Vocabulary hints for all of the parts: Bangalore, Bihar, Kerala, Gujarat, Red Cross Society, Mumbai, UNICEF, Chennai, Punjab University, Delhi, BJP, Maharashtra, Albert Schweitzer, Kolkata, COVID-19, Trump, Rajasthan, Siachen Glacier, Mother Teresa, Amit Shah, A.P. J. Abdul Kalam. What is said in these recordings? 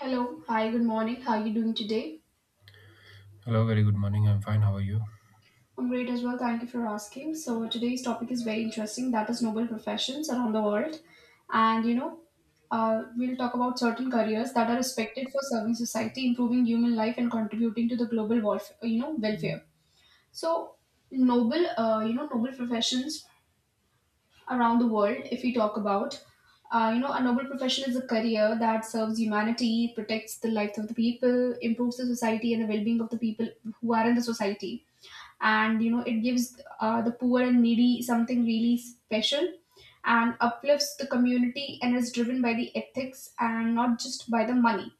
Hello, hi, good morning. How are you doing today? Hello, very good morning. I'm fine. How are you? I'm great as well. Thank you for asking. So today's topic is very interesting. That is noble professions around the world, and we'll talk about certain careers that are respected for serving society, improving human life, and contributing to the global welfare. You know, welfare. So noble, noble professions around the world. If we talk about, a noble profession is a career that serves humanity, protects the lives of the people, improves the society and the well-being of the people who are in the society. And it gives, the poor and needy something really special, and uplifts the community, and is driven by the ethics and not just by the money.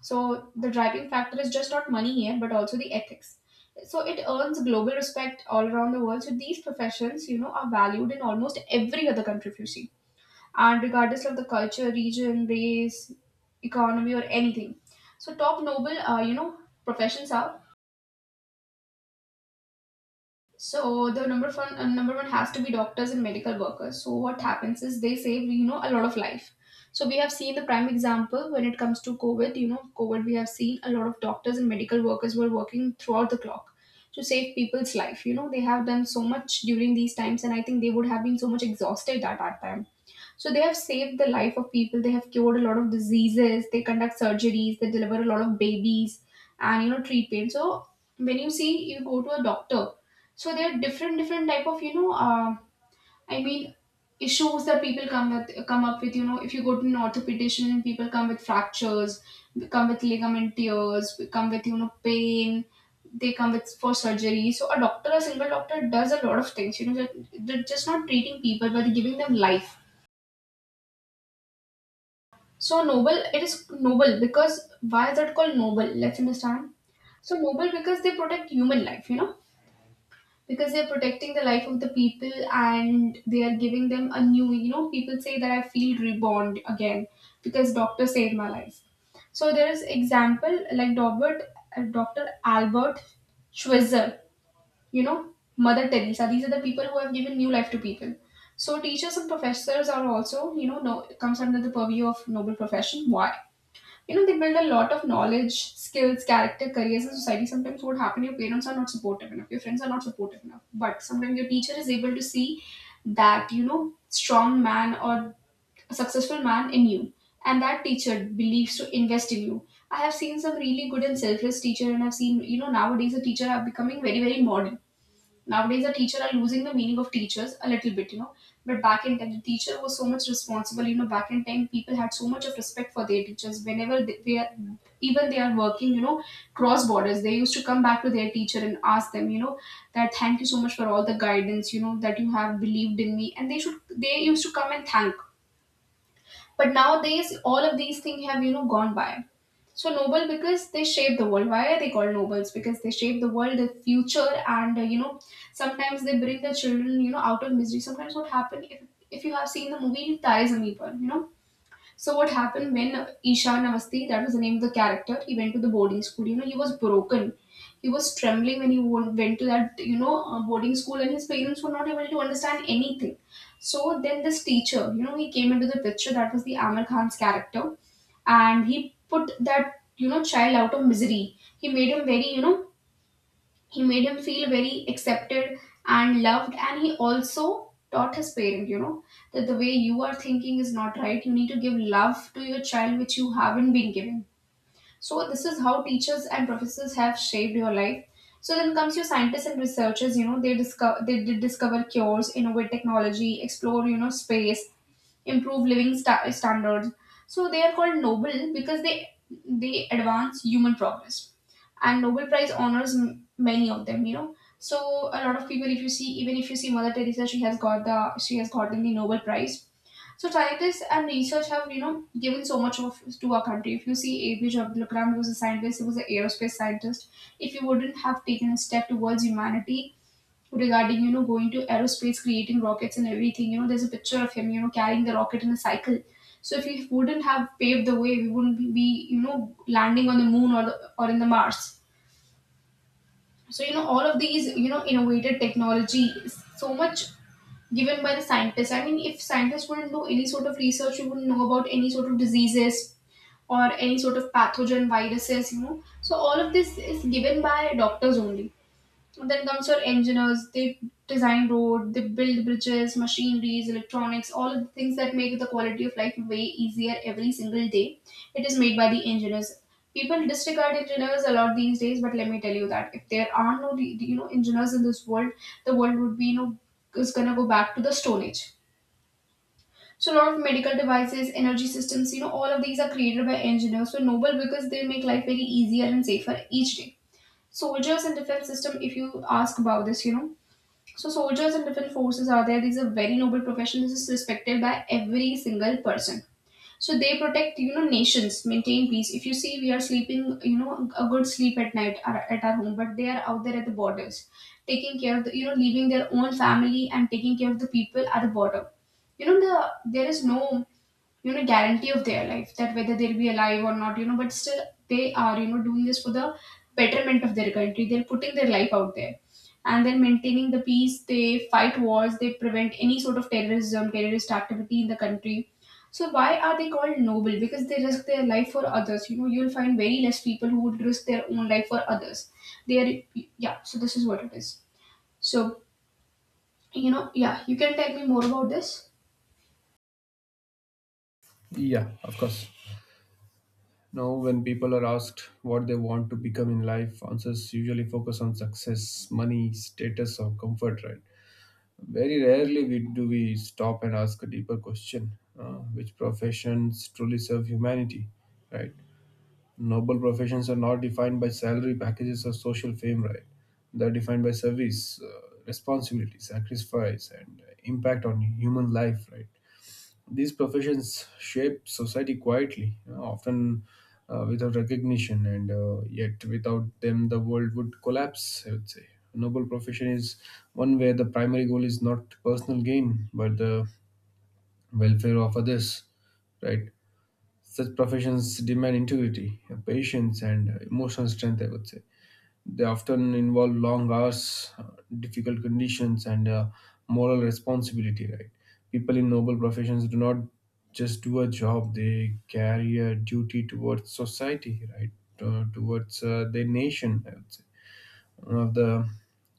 So the driving factor is just not money here, but also the ethics. So it earns global respect all around the world. So these professions, are valued in almost every other country, if you see, and regardless of the culture, region, race, economy, or anything. So top noble, professions are, so the number one, number one has to be doctors and medical workers. So what happens is they save, a lot of life. So we have seen the prime example when it comes to COVID. You know, COVID, we have seen a lot of doctors and medical workers were working throughout the clock to save people's life. You know, they have done so much during these times, and I think they would have been so much exhausted at that time. So they have saved the life of people. They have cured a lot of diseases. They conduct surgeries. They deliver a lot of babies, and treat pain. So when you see, you go to a doctor. So there are different different type of, I mean issues that people come with, come up with. You know, if you go to an orthopedician, people come with fractures, they come with ligament tears, they come with, pain. They come with for surgery. So a doctor, a single doctor, does a lot of things. You know, they're just not treating people, but giving them life. So noble, it is noble because why is that called noble? Let's understand. So noble because they protect human life, you know, because they're protecting the life of the people and they are giving them a new, you know, people say that I feel reborn again because doctor saved my life. So there is example like Robert, Dr. Albert Schweitzer, you know, Mother Teresa. These are the people who have given new life to people. So teachers and professors are also, you know, no, comes under the purview of noble profession. Why? You know, they build a lot of knowledge, skills, character, careers in society. Sometimes what happens, your parents are not supportive enough, your friends are not supportive enough, but sometimes your teacher is able to see that, strong man or a successful man in you, and that teacher believes to invest in you. I have seen some really good and selfless teacher, and I've seen, nowadays the teacher are becoming very modern. Nowadays, the teacher are losing the meaning of teachers a little bit, you know. But back in time, the teacher was so much responsible. You know, back in time, people had so much of respect for their teachers. Whenever they are, even they are working, you know, cross borders, they used to come back to their teacher and ask them, you know, that thank you so much for all the guidance, you know, that you have believed in me. And they used to come and thank. But nowadays, all of these things have, you know, gone by. So noble because they shape the world. Why are they called nobles? Because they shape the world, the future, and sometimes they bring the children, out of misery. Sometimes what happen, if you have seen the movie Tarzan, know so what happened when Isha Namaste, that was the name of the character, he went to the boarding school. You know, he was broken. He was trembling when he went to that, boarding school, and his parents were not able to understand anything. So then this teacher, you know, he came into the picture. That was the Amir Khan's character, and he put that, child out of misery. He made him very, you know, he made him feel very accepted and loved, and he also taught his parent, that the way you are thinking is not right. You need to give love to your child, which you haven't been giving. So this is how teachers and professors have shaped your life. So then comes your scientists and researchers. You know, they did discover cures, innovate technology, explore, space, improve living standards. So they are called Nobel because they advance human progress, and Nobel Prize honors many of them. You know, so a lot of people, if you see, even if you see Mother Teresa, she has got the she has gotten the Nobel Prize. So scientists and research have, given so much of to our country. If you see A.P. J. Abdul Kalam, he was a scientist, he was an aerospace scientist. If he wouldn't have taken a step towards humanity, regarding going to aerospace, creating rockets and everything, you know, there's a picture of him, you know, carrying the rocket in a cycle. So if he wouldn't have paved the way, we wouldn't be you know, landing on the moon or or in the Mars. So you know, all of these, innovative technology is so much given by the scientists. I mean, if scientists wouldn't do any sort of research, we wouldn't know about any sort of diseases or any sort of pathogen viruses, you know. So all of this is given by doctors only. Then comes your engineers. They design road, they build bridges, machineries, electronics, all of the things that make the quality of life way easier every single day. It is made by the engineers. People disregard engineers a lot these days, but let me tell you that if there are no, engineers in this world, the world would be, you know is gonna go back to the stone age. So a lot of medical devices, energy systems, you know, all of these are created by engineers. So noble because they make life very easier and safer each day. Soldiers and defense system, if you ask about this, you know, so soldiers and different forces are there. These are very noble profession. This is respected by every single person. So they protect, you know, nations, maintain peace. If you see, we are sleeping, you know, a good sleep at night, at our home, but they are out there at the borders, taking care of the, you know, leaving their own family and taking care of the people at the border. You know, the there is no you know, guarantee of their life, that whether they'll be alive or not, you know, but still they are, you know, doing this for the betterment of their country. They're putting their life out there, and then maintaining the peace. They fight wars, they prevent any sort of terrorism, terrorist activity in the country. So why are they called noble? Because they risk their life for others. You know, you'll find very less people who would risk their own life for others. They are, yeah, so this is what it is. So you know, yeah, you can tell me more about this. Yeah, of course. Now, when people are asked what they want to become in life, answers usually focus on success, money, status, or comfort, right? Very rarely we do we stop and ask a deeper question, which professions truly serve humanity, right? Noble professions are not defined by salary packages or social fame, right? They're defined by service, responsibility, sacrifice, and impact on human life, right? These professions shape society quietly, you know, often without recognition, and yet without them, the world would collapse. I would say a noble profession is one where the primary goal is not personal gain but the welfare of others. Right? Such professions demand integrity, patience, and emotional strength. I would say they often involve long hours, difficult conditions, and moral responsibility. Right? People in noble professions do not just do a job; they carry a duty towards society, right? Towards their nation, I would say one of the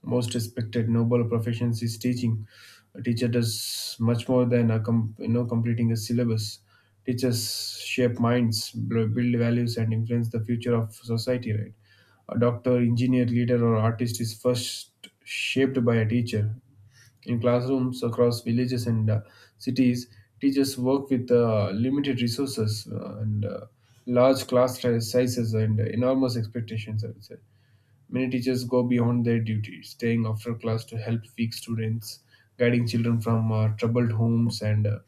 most respected noble professions is teaching. A teacher does much more than you know completing a syllabus. Teachers shape minds, build values, and influence the future of society. Right? A doctor, engineer, leader, or artist is first shaped by a teacher. In classrooms across villages and cities, teachers work with limited resources and large class sizes and enormous expectations, I would say. Many teachers go beyond their duty, staying after class to help weak students, guiding children from troubled homes, and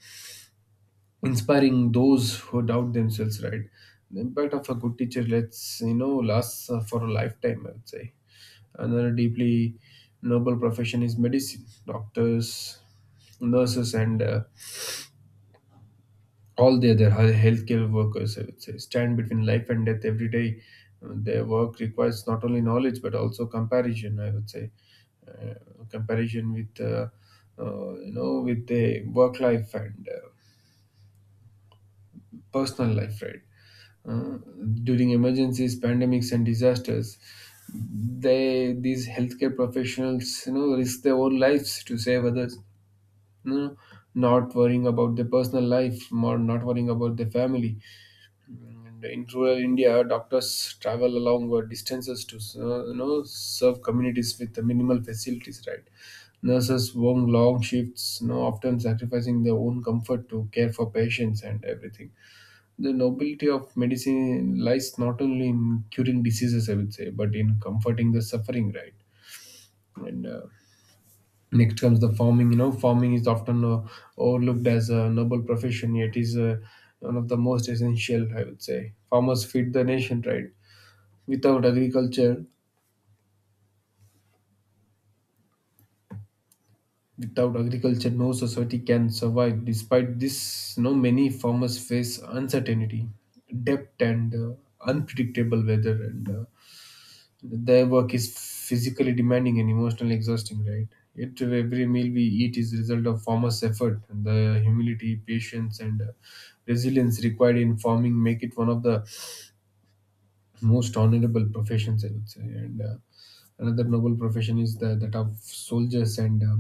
inspiring those who doubt themselves. Right, the impact of a good teacher lets you know lasts for a lifetime. I would say another deeply noble profession is medicine. Doctors, nurses, and all the other healthcare workers, I would say, stand between life and death every day. Their work requires not only knowledge but also comparison. I would say, uh, comparison with you know with the work life and personal life, right? Uh, During emergencies, pandemics, and disasters, they these healthcare professionals you know risk their own lives to save others. You know, not worrying about their personal life, more not worrying about their family. And in rural India, doctors travel along distances to you know serve communities with the minimal facilities. Right, nurses work long shifts, you know, often sacrificing their own comfort to care for patients and everything. The nobility of medicine lies not only in curing diseases, I would say, but in comforting the suffering. Right, and next comes the farming. You know, farming is often overlooked as a noble profession, yet is one of the most essential. I would say farmers feed the nation, right? Without agriculture, without agriculture, no society can survive. Despite this, you know, many farmers face uncertainty, debt, and unpredictable weather and Their work is physically demanding and emotionally exhausting, right? Yet every meal we eat is the result of farmers' effort. The humility, patience, and resilience required in farming make it one of the most honorable professions, I would say. And Another noble profession is that of soldiers and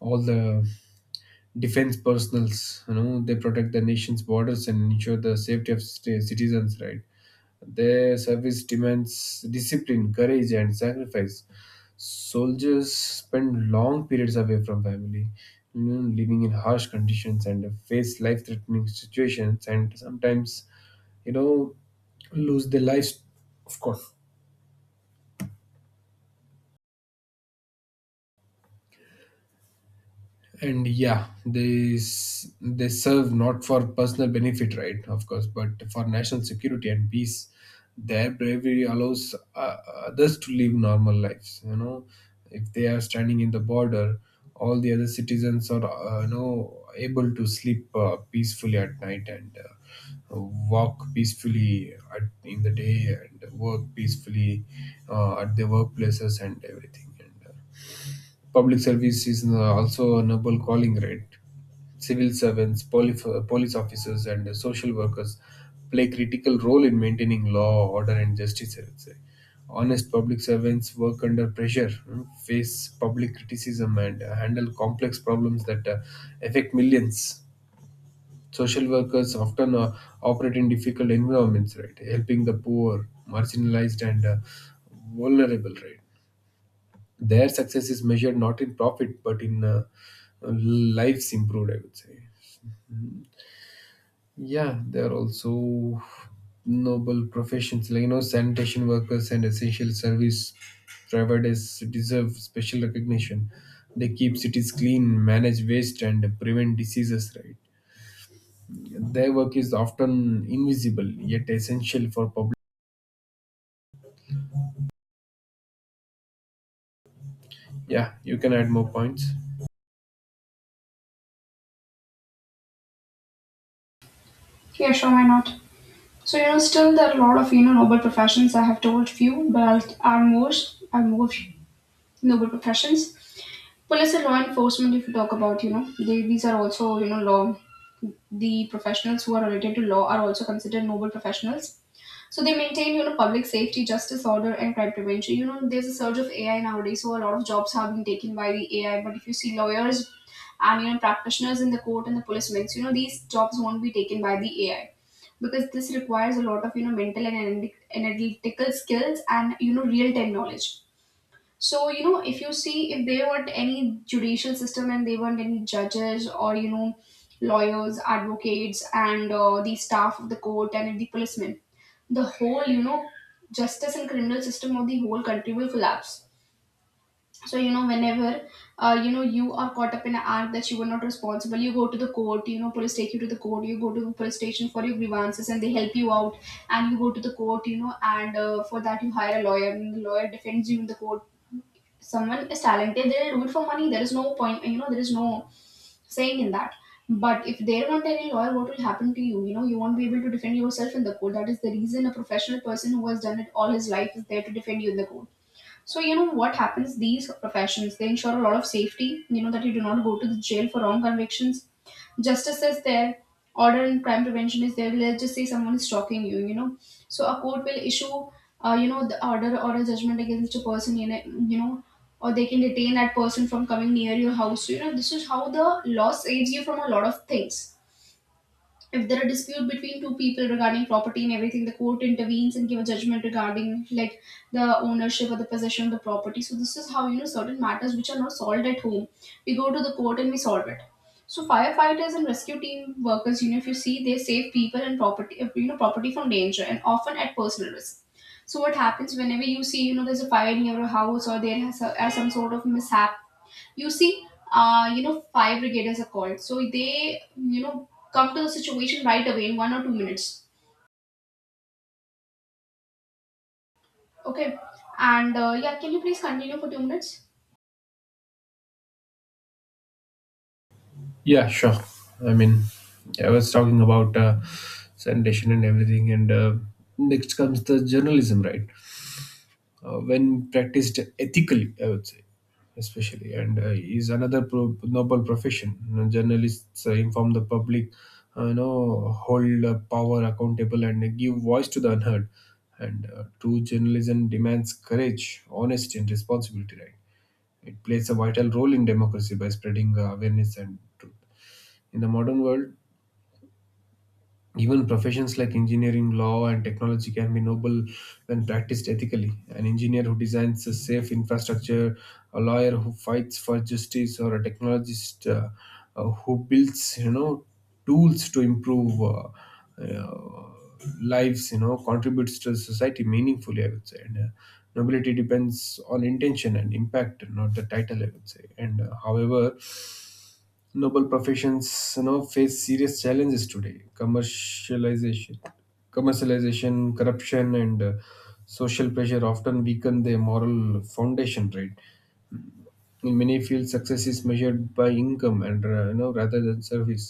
all the defense personals. You know, they protect the nation's borders and ensure the safety of citizens, right? Their service demands discipline, courage, and sacrifice. Soldiers spend long periods away from family, you know, living in harsh conditions and face life threatening situations, and sometimes, you know, lose their lives, of course. And yeah, they serve not for personal benefit, right, of course, but for national security and peace. Their bravery allows others to live normal lives. You know, if they are standing in the border, all the other citizens are you know able to sleep peacefully at night and walk peacefully in the day and work peacefully at their workplaces and everything and Public service is also a noble calling, right? Civil servants, police officers, and social workers play critical role in maintaining law, order, and justice. I would say, honest public servants work under pressure, face public criticism, and handle complex problems that affect millions. Social workers often operate in difficult environments, right? Helping the poor, marginalized, and vulnerable, right? Their success is measured not in profit but in lives improved, I would say. Yeah, there are also noble professions like you know sanitation workers and essential service providers deserve special recognition. They keep cities clean, manage waste, and prevent diseases. Right, their work is often invisible yet essential for public. Yeah, you can add more points. Yeah, sure, why not? So you know, still there are a lot of, noble professions. I have told few, but are more, are more noble professions. Police and law enforcement, if you talk about, you know, these are also, you know, law, the professionals who are related to law are also considered noble professionals. So they maintain, you know, public safety, justice, order, and crime prevention. You know, there's a surge of AI nowadays, so a lot of jobs have been taken by the AI. But if you see lawyers and practitioners in the court and the policemen, you know, these jobs won't be taken by the AI because this requires a lot of, mental and analytical skills and, real time knowledge. So, if you see, if there weren't any judicial system and there weren't any judges or, lawyers, advocates, and the staff of the court and the policemen, the whole, justice and criminal system of the whole country will collapse. So, whenever, you are caught up in an act that you were not responsible, you go to the court, police take you to the court, you go to the police station for your grievances, and they help you out, and you go to the court, and for that you hire a lawyer, and the lawyer defends you in the court. Someone is talented, they'll do it for money. There is no point, there is no saying in that. But if there weren't any lawyer, what will happen to you? You know you won't be able to defend yourself in the court. That is the reason a professional person who has done it all his life is there to defend you in the court. So, you know what happens? These professions, they ensure a lot of safety. You know that you do not go to the jail for wrong convictions. Justice is there. Order and crime prevention is there. Let's just say someone is stalking you. So a court will issue, the order or a judgment against a person. You know, or they can detain that person from coming near your house. So, this is how the law saves you from a lot of things. If there are dispute between two people regarding property and everything, the court intervenes and give a judgment regarding like the ownership or the possession of the property. So this is how certain matters which are not solved at home, we go to the court and we solve it. So firefighters and rescue team workers, if you see, they save people and property, property from danger and often at personal risk. So what happens whenever you see, there's a fire near a house, or there has a, are some sort of mishap you see fire brigadiers are called, so they come to the situation right away in one or two minutes. Okay, and yeah, can you please continue for two minutes? Yeah, sure. I mean, yeah, I was talking about sanitation and everything, and next comes the journalism, right? When practiced ethically, I would say, especially, and is another noble profession. You know, journalists inform the public, you know, hold power accountable, and give voice to the unheard. And true journalism demands courage, honesty, and responsibility, right? It plays a vital role in democracy by spreading awareness and truth. In the modern world, even professions like engineering, law, and technology can be noble when practiced ethically. An engineer who designs a safe infrastructure, a lawyer who fights for justice, or a technologist who builds, you know, tools to improve lives, you know, contributes to society meaningfully. I would say, and nobility depends on intention and impact, not the title. I would say, and however noble professions you know face serious challenges today. Commercialization, corruption, and social pressure often weaken their moral foundation, right? In many fields success is measured by income, and you know rather than service.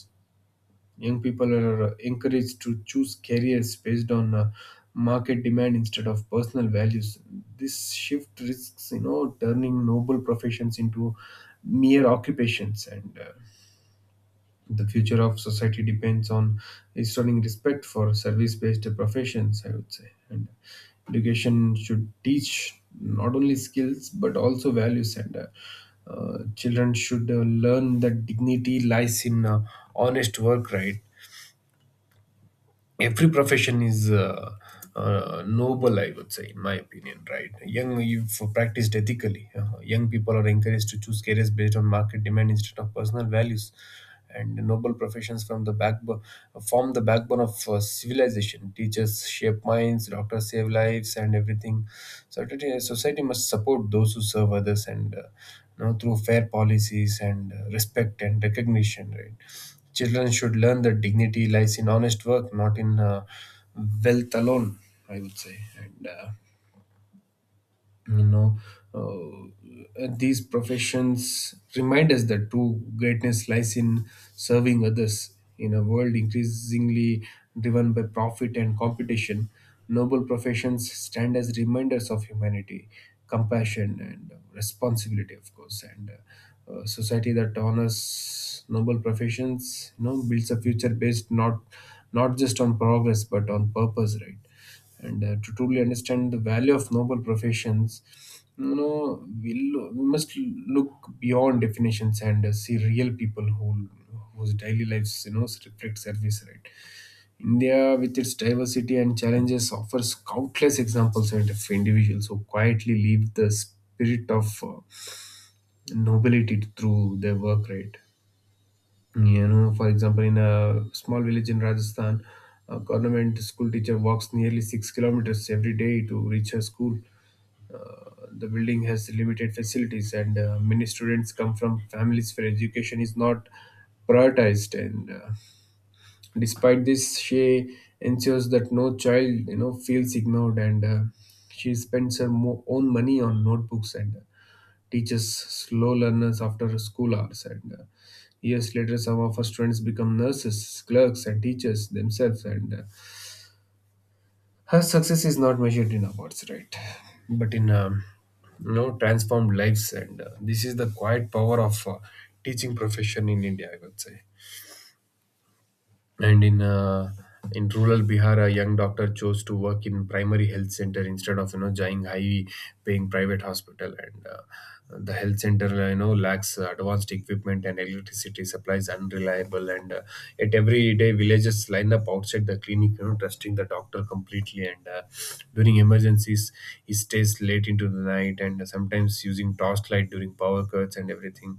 Young people are encouraged to choose careers based on market demand instead of personal values. This shift risks you know turning noble professions into mere occupations, and the future of society depends on restoring respect for service based professions, I would say. And education should teach not only skills but also values. And Children should learn that dignity lies in honest work, right? Every profession is noble, I would say, in my opinion, right? young If practiced ethically, young people are encouraged to choose careers based on market demand instead of personal values, and noble professions from the backbone form the backbone of civilization. Teachers shape minds, doctors save lives, and everything. Certainly, society must support those who serve others, and you know, through fair policies and respect and recognition, right? Children should learn that dignity lies in honest work, not in wealth alone, I would say. And You know, and these professions remind us that true greatness lies in serving others. In a world increasingly driven by profit and competition, noble professions stand as reminders of humanity, compassion, and responsibility, of course. And Society that honors noble professions you know builds a future based not just on progress but on purpose, right? and To truly understand the value of noble professions, you know, we must look beyond definitions and see real people whose daily lives you know reflect service, right? India with its diversity and challenges offers countless examples and of individuals who quietly live the spirit of nobility through their work, right? You know, for example, in a small village in Rajasthan, a government school teacher walks nearly 6 kilometers every day to reach her school. The building has limited facilities, and many students come from families where education is not prioritized. And Despite this, she ensures that no child, you know, feels ignored, and she spends her own money on notebooks and teaches slow learners after school hours. And Years later, some of our students become nurses, clerks, and teachers themselves. And Her success is not measured in awards, right? But in you know, transformed lives. And This is the quiet power of teaching profession in India, I would say. And in In rural Bihar, a young doctor chose to work in primary health center instead of you know joining high paying private hospital, and the health center you know lacks advanced equipment, and electricity supplies unreliable, and yet every day villagers line up outside the clinic you know trusting the doctor completely. And During emergencies he stays late into the night and sometimes using torchlight during power cuts and everything.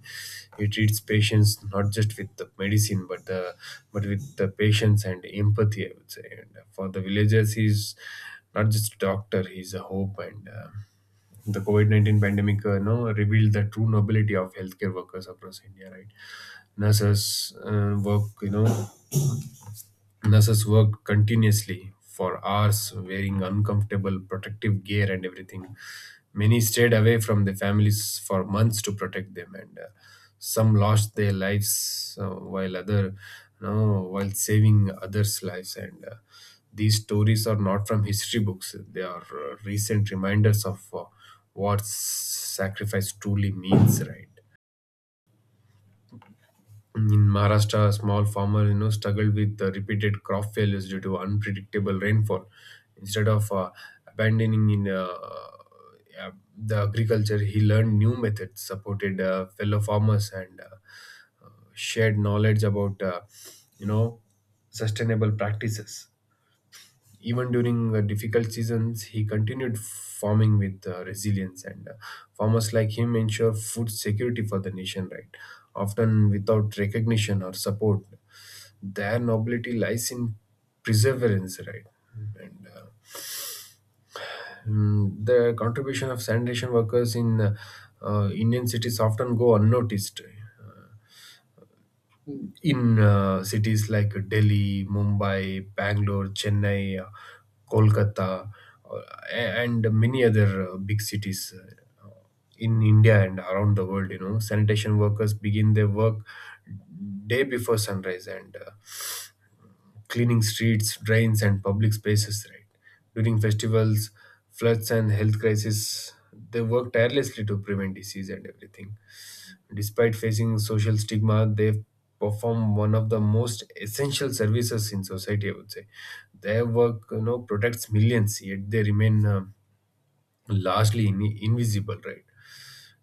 He treats patients not just with the medicine but the but with the patience and empathy, I would say. And for the villagers he's not just a doctor, he's a hope. And The COVID 19 pandemic no, revealed the true nobility of healthcare workers across India, right? Nurses uh, work, you know, Nurses worked continuously for hours, wearing uncomfortable protective gear and everything. Many stayed away from their families for months to protect them, and some lost their lives while saving others' lives. And These stories are not from history books; they are recent reminders of what sacrifice truly means, right? In Maharashtra, a small farmer struggled with repeated crop failures due to unpredictable rainfall. Instead of abandoning in the agriculture, he learned new methods, supported fellow farmers, and shared knowledge about you know sustainable practices. Even during difficult seasons, he continued farming with resilience, and farmers like him ensure food security for the nation, right? Often without recognition or support. Their nobility lies in perseverance, right? And uh, the contribution of sanitation workers in Indian cities often go unnoticed in cities like Delhi, Mumbai, Bangalore, Chennai, Kolkata, uh, and many other big cities uh, in India and around the world. You know, sanitation workers begin their work day before sunrise and cleaning streets, drains, and public spaces. Right, during festivals, floods, and health crisis, they work tirelessly to prevent disease and everything. Despite facing social stigma, they perform one of the most essential services in society, I would say. Their work, you know, protects millions, yet they remain largely invisible. Right?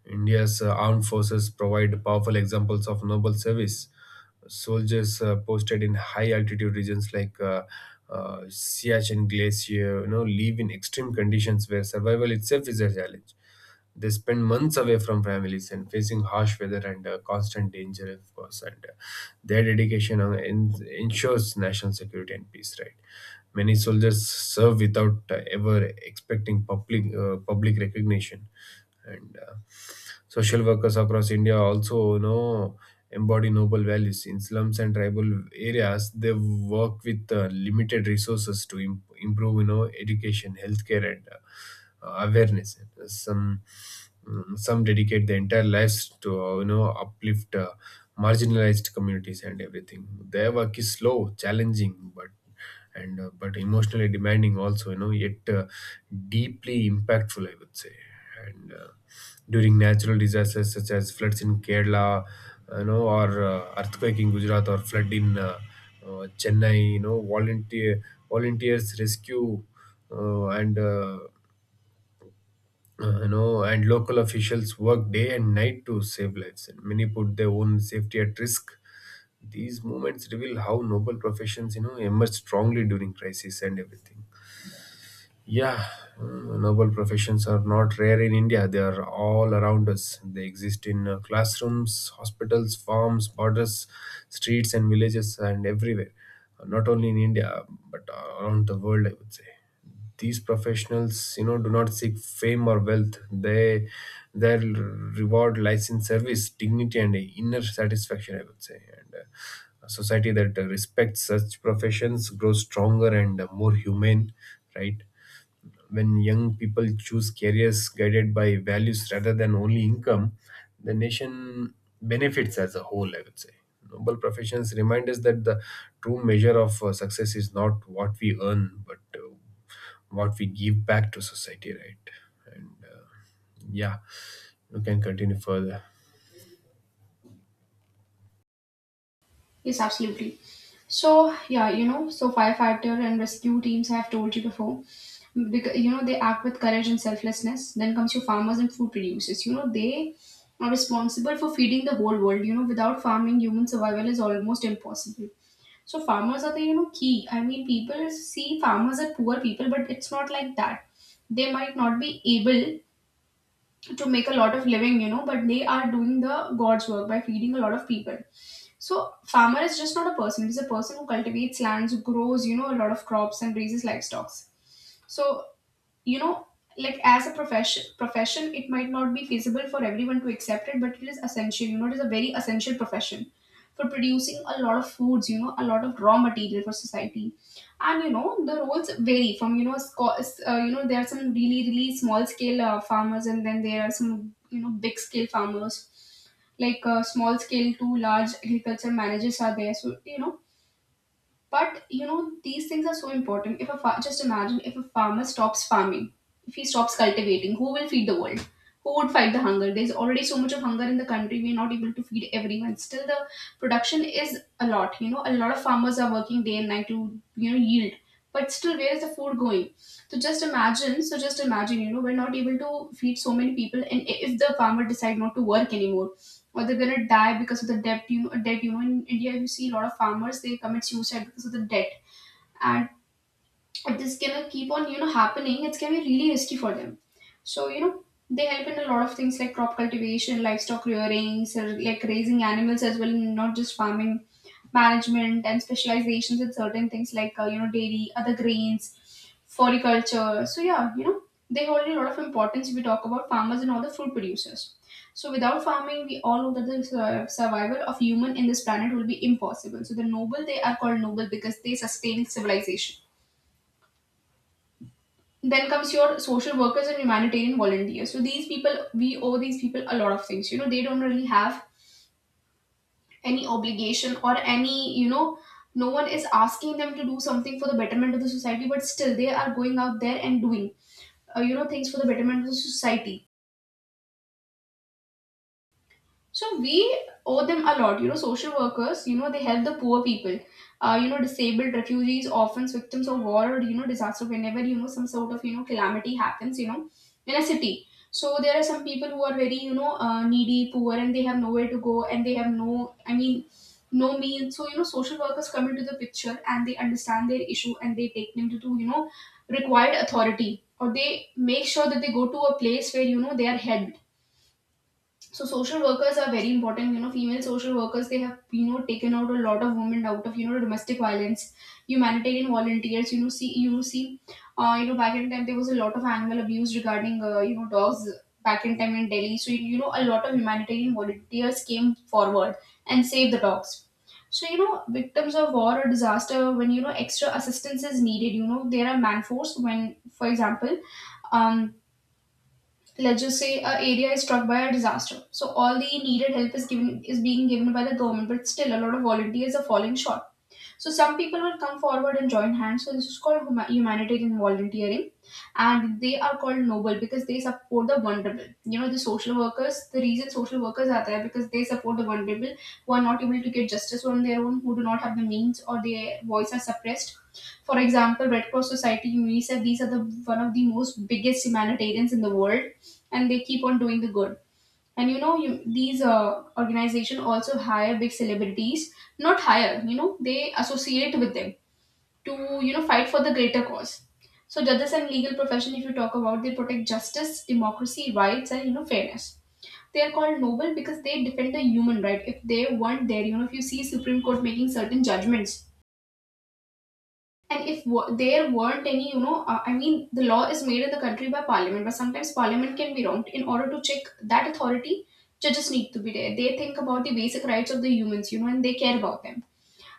India's armed forces provide powerful examples of noble service. Soldiers posted in high altitude regions like Siachen Glacier, you know, live in extreme conditions where survival itself is a challenge. They spend months away from families and facing harsh weather and constant danger, of course. And their dedication ensures national security and peace. Right? Many soldiers serve without ever expecting public recognition, and social workers across India also, you know, embody noble values. In slums and tribal areas, they work with limited resources to improve, you know, education, healthcare, and awareness. Some some dedicate their entire lives to uplift marginalized communities and everything. Their work is slow, challenging, but emotionally demanding also. You know, yet deeply impactful, I would say. And. During natural disasters such as floods in Kerala, you know, or earthquake in Gujarat or flood in Chennai. You know, volunteers rescue, uh, and uh, and local officials work day and night to save lives, and many put their own safety at risk. These movements reveal how noble professions, you know, emerge strongly during crisis and everything. Yeah, Noble professions are not rare in India. They are all around us. They exist in classrooms, hospitals, farms, borders, streets, and villages, and everywhere. Not only in India, but around the world, I would say. These professionals, you know, do not seek fame or wealth. Their reward lies in service, dignity, and inner satisfaction, I would say. And A society that respects such professions grows stronger and more humane, right? When young people choose careers guided by values rather than only income, the nation benefits as a whole, I would say. Noble professions remind us that the true measure of success is not what we earn, but what we give back to society, right? And uh, yeah, you can continue further. Yes, absolutely. So, yeah, so firefighter and rescue teams I have told you before, because they act with courage and selflessness. Then comes your farmers and food producers. They are responsible for feeding the whole world. Without farming, human survival is almost impossible. So farmers are the key. I mean, people see farmers are poor people, but it's not like that. They might not be able to make a lot of living, but they are doing the god's work by feeding a lot of people. So farmer is just not a person, it is a person who cultivates lands, grows a lot of crops and raises livestock. So you know like as a profession it might not be feasible for everyone to accept it, but it is essential. It is a very essential profession for producing a lot of foods, a lot of raw material for society. And, the roles vary from there are some really really small scale farmers, and then there are some big scale farmers, like small scale to large agriculture managers are there. So, but these things are so important. If a just imagine, if a farmer stops farming, if he stops cultivating, who will feed the world? Who would fight the hunger? There's already so much of hunger in the country. We're not able to feed everyone. Still, the production is a lot. You know, a lot of farmers are working day and night to yield. But still, where is the food going? So just imagine. So just imagine. We're not able to feed so many people. And if the farmer decide not to work anymore, or they're gonna die because of the debt. You know, debt. You know, in India, if you see a lot of farmers, they commit suicide because of the debt, and this gonna keep on happening. It's gonna be really risky for them. So, they help in a lot of things like crop cultivation, livestock rearing, so like raising animals as well, not just farming management and specializations in certain things like dairy, other grains, floriculture. So yeah, they hold a lot of importance if we talk about farmers and all the food producers. So without farming, we all know that the survival of human in this planet will be impossible. So the noble, they are called noble because they sustain civilization. Then comes your social workers and humanitarian volunteers. So these people, we owe these people a lot of things. They don't really have any obligation or any, no one is asking them to do something for the betterment of the society, but still they are going out there and doing things for the betterment of the society. So we owe them a lot. You know, social workers, they help the poor people, disabled refugees, orphans, victims of war, or, disaster, whenever, some sort of, calamity happens, in a city. So there are some people who are very, needy, poor, and they have nowhere to go, and they have no, I mean, no means. So, social workers come into the picture and they understand their issue, and they take them to required authority, or they make sure that they go to a place where, they are helped. So social workers are very important. Female social workers, they have taken out a lot of women out of domestic violence. Humanitarian volunteers, you know see you know see you know back in time there was a lot of animal abuse regarding dogs, back in time in Delhi. So, a lot of humanitarian volunteers came forward and saved the dogs. So, victims of war or disaster, when extra assistance is needed, there are man force. When for example, um let's just say a area is struck by a disaster, so all the needed help is given, is being given by the government, but still a lot of volunteers are falling short. So some people will come forward and join hands. So this is called humanitarian volunteering, and they are called noble because they support the vulnerable. You know, the social workers. The reason social workers are there because they support the vulnerable who are not able to get justice on their own, who do not have the means, or their voice are suppressed. For example, Red Cross Society, UNICEF. These are the one of the most biggest humanitarians in the world, and they keep on doing the good. And these organization also hire big celebrities, not hire, they associate with them, to fight for the greater cause. So judges and legal profession, if you talk about, they protect justice, democracy, rights, and fairness. They are called noble because they defend the human right. If they want their, if you see Supreme Court making certain judgments, and if there weren't any, I mean, the law is made in the country by parliament, but sometimes parliament can be wronged. In order to check that authority, judges need to be there. They think about the basic rights of the humans, and they care about them.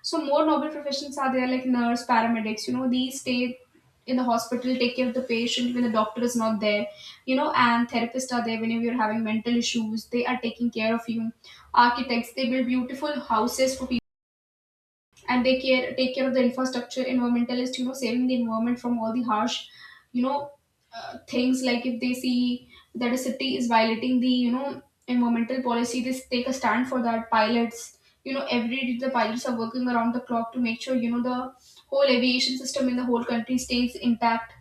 So more noble professions are there, like nurse, paramedics. You know, these stay in the hospital, take care of the patient when the doctor is not there. You know, and therapists are there whenever you're having mental issues, they are taking care of you. Architects, they build beautiful houses for people, and they care take care of the infrastructure. Environmentalist, saving the environment from all the harsh, you know things. Like if they see that a city is violating the environmental policy, they take a stand for that. Pilots, every day the pilots are working around the clock to make sure the whole aviation system in the whole country stays intact.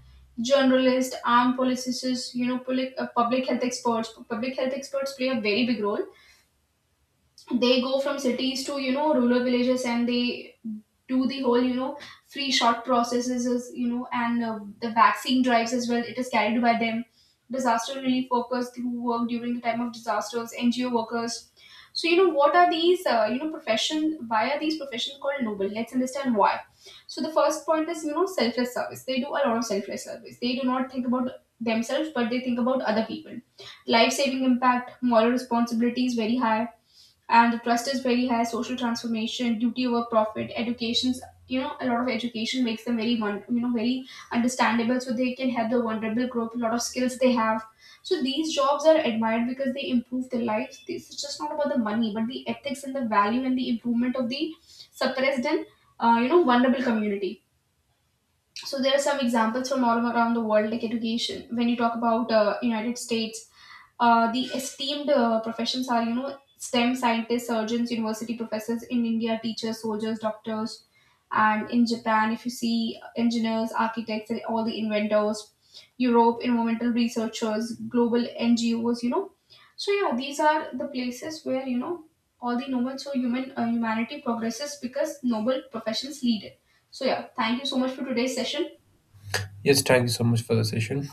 Journalists, armed policies, public health experts, public health experts play a very big role. They go from cities to rural villages, and they do the whole free shot processes is, and the vaccine drives as well, it is carried by them. Disaster relief workers who work during the time of disasters, NGO workers. So, what are these profession, why are these professions called noble? Let's understand why. So the first point is selfless service. They do a lot of selfless service. They do not think about themselves, but they think about other people. Life saving impact, moral responsibility is very high, and the trust is very high. Social transformation, duty over profit, education's, a lot of education makes them very one, very understandable, so they can help the vulnerable group. A lot of skills they have, so these jobs are admired because they improve their lives. This is just not about the money, but the ethics and the value and the improvement of the suppressed and vulnerable community. So there are some examples from all around the world, like education. When you talk about United States, the esteemed professions are, stem scientists, surgeons, university professors. In India, teachers, soldiers, doctors, and in Japan if you see, engineers, architects, and all the inventors. Europe, environmental researchers, global NGOs, so yeah, these are the places where all the noble. So human, humanity progresses because noble professions lead it. So yeah, thank you so much for today's session. Yes, thank you so much for the session.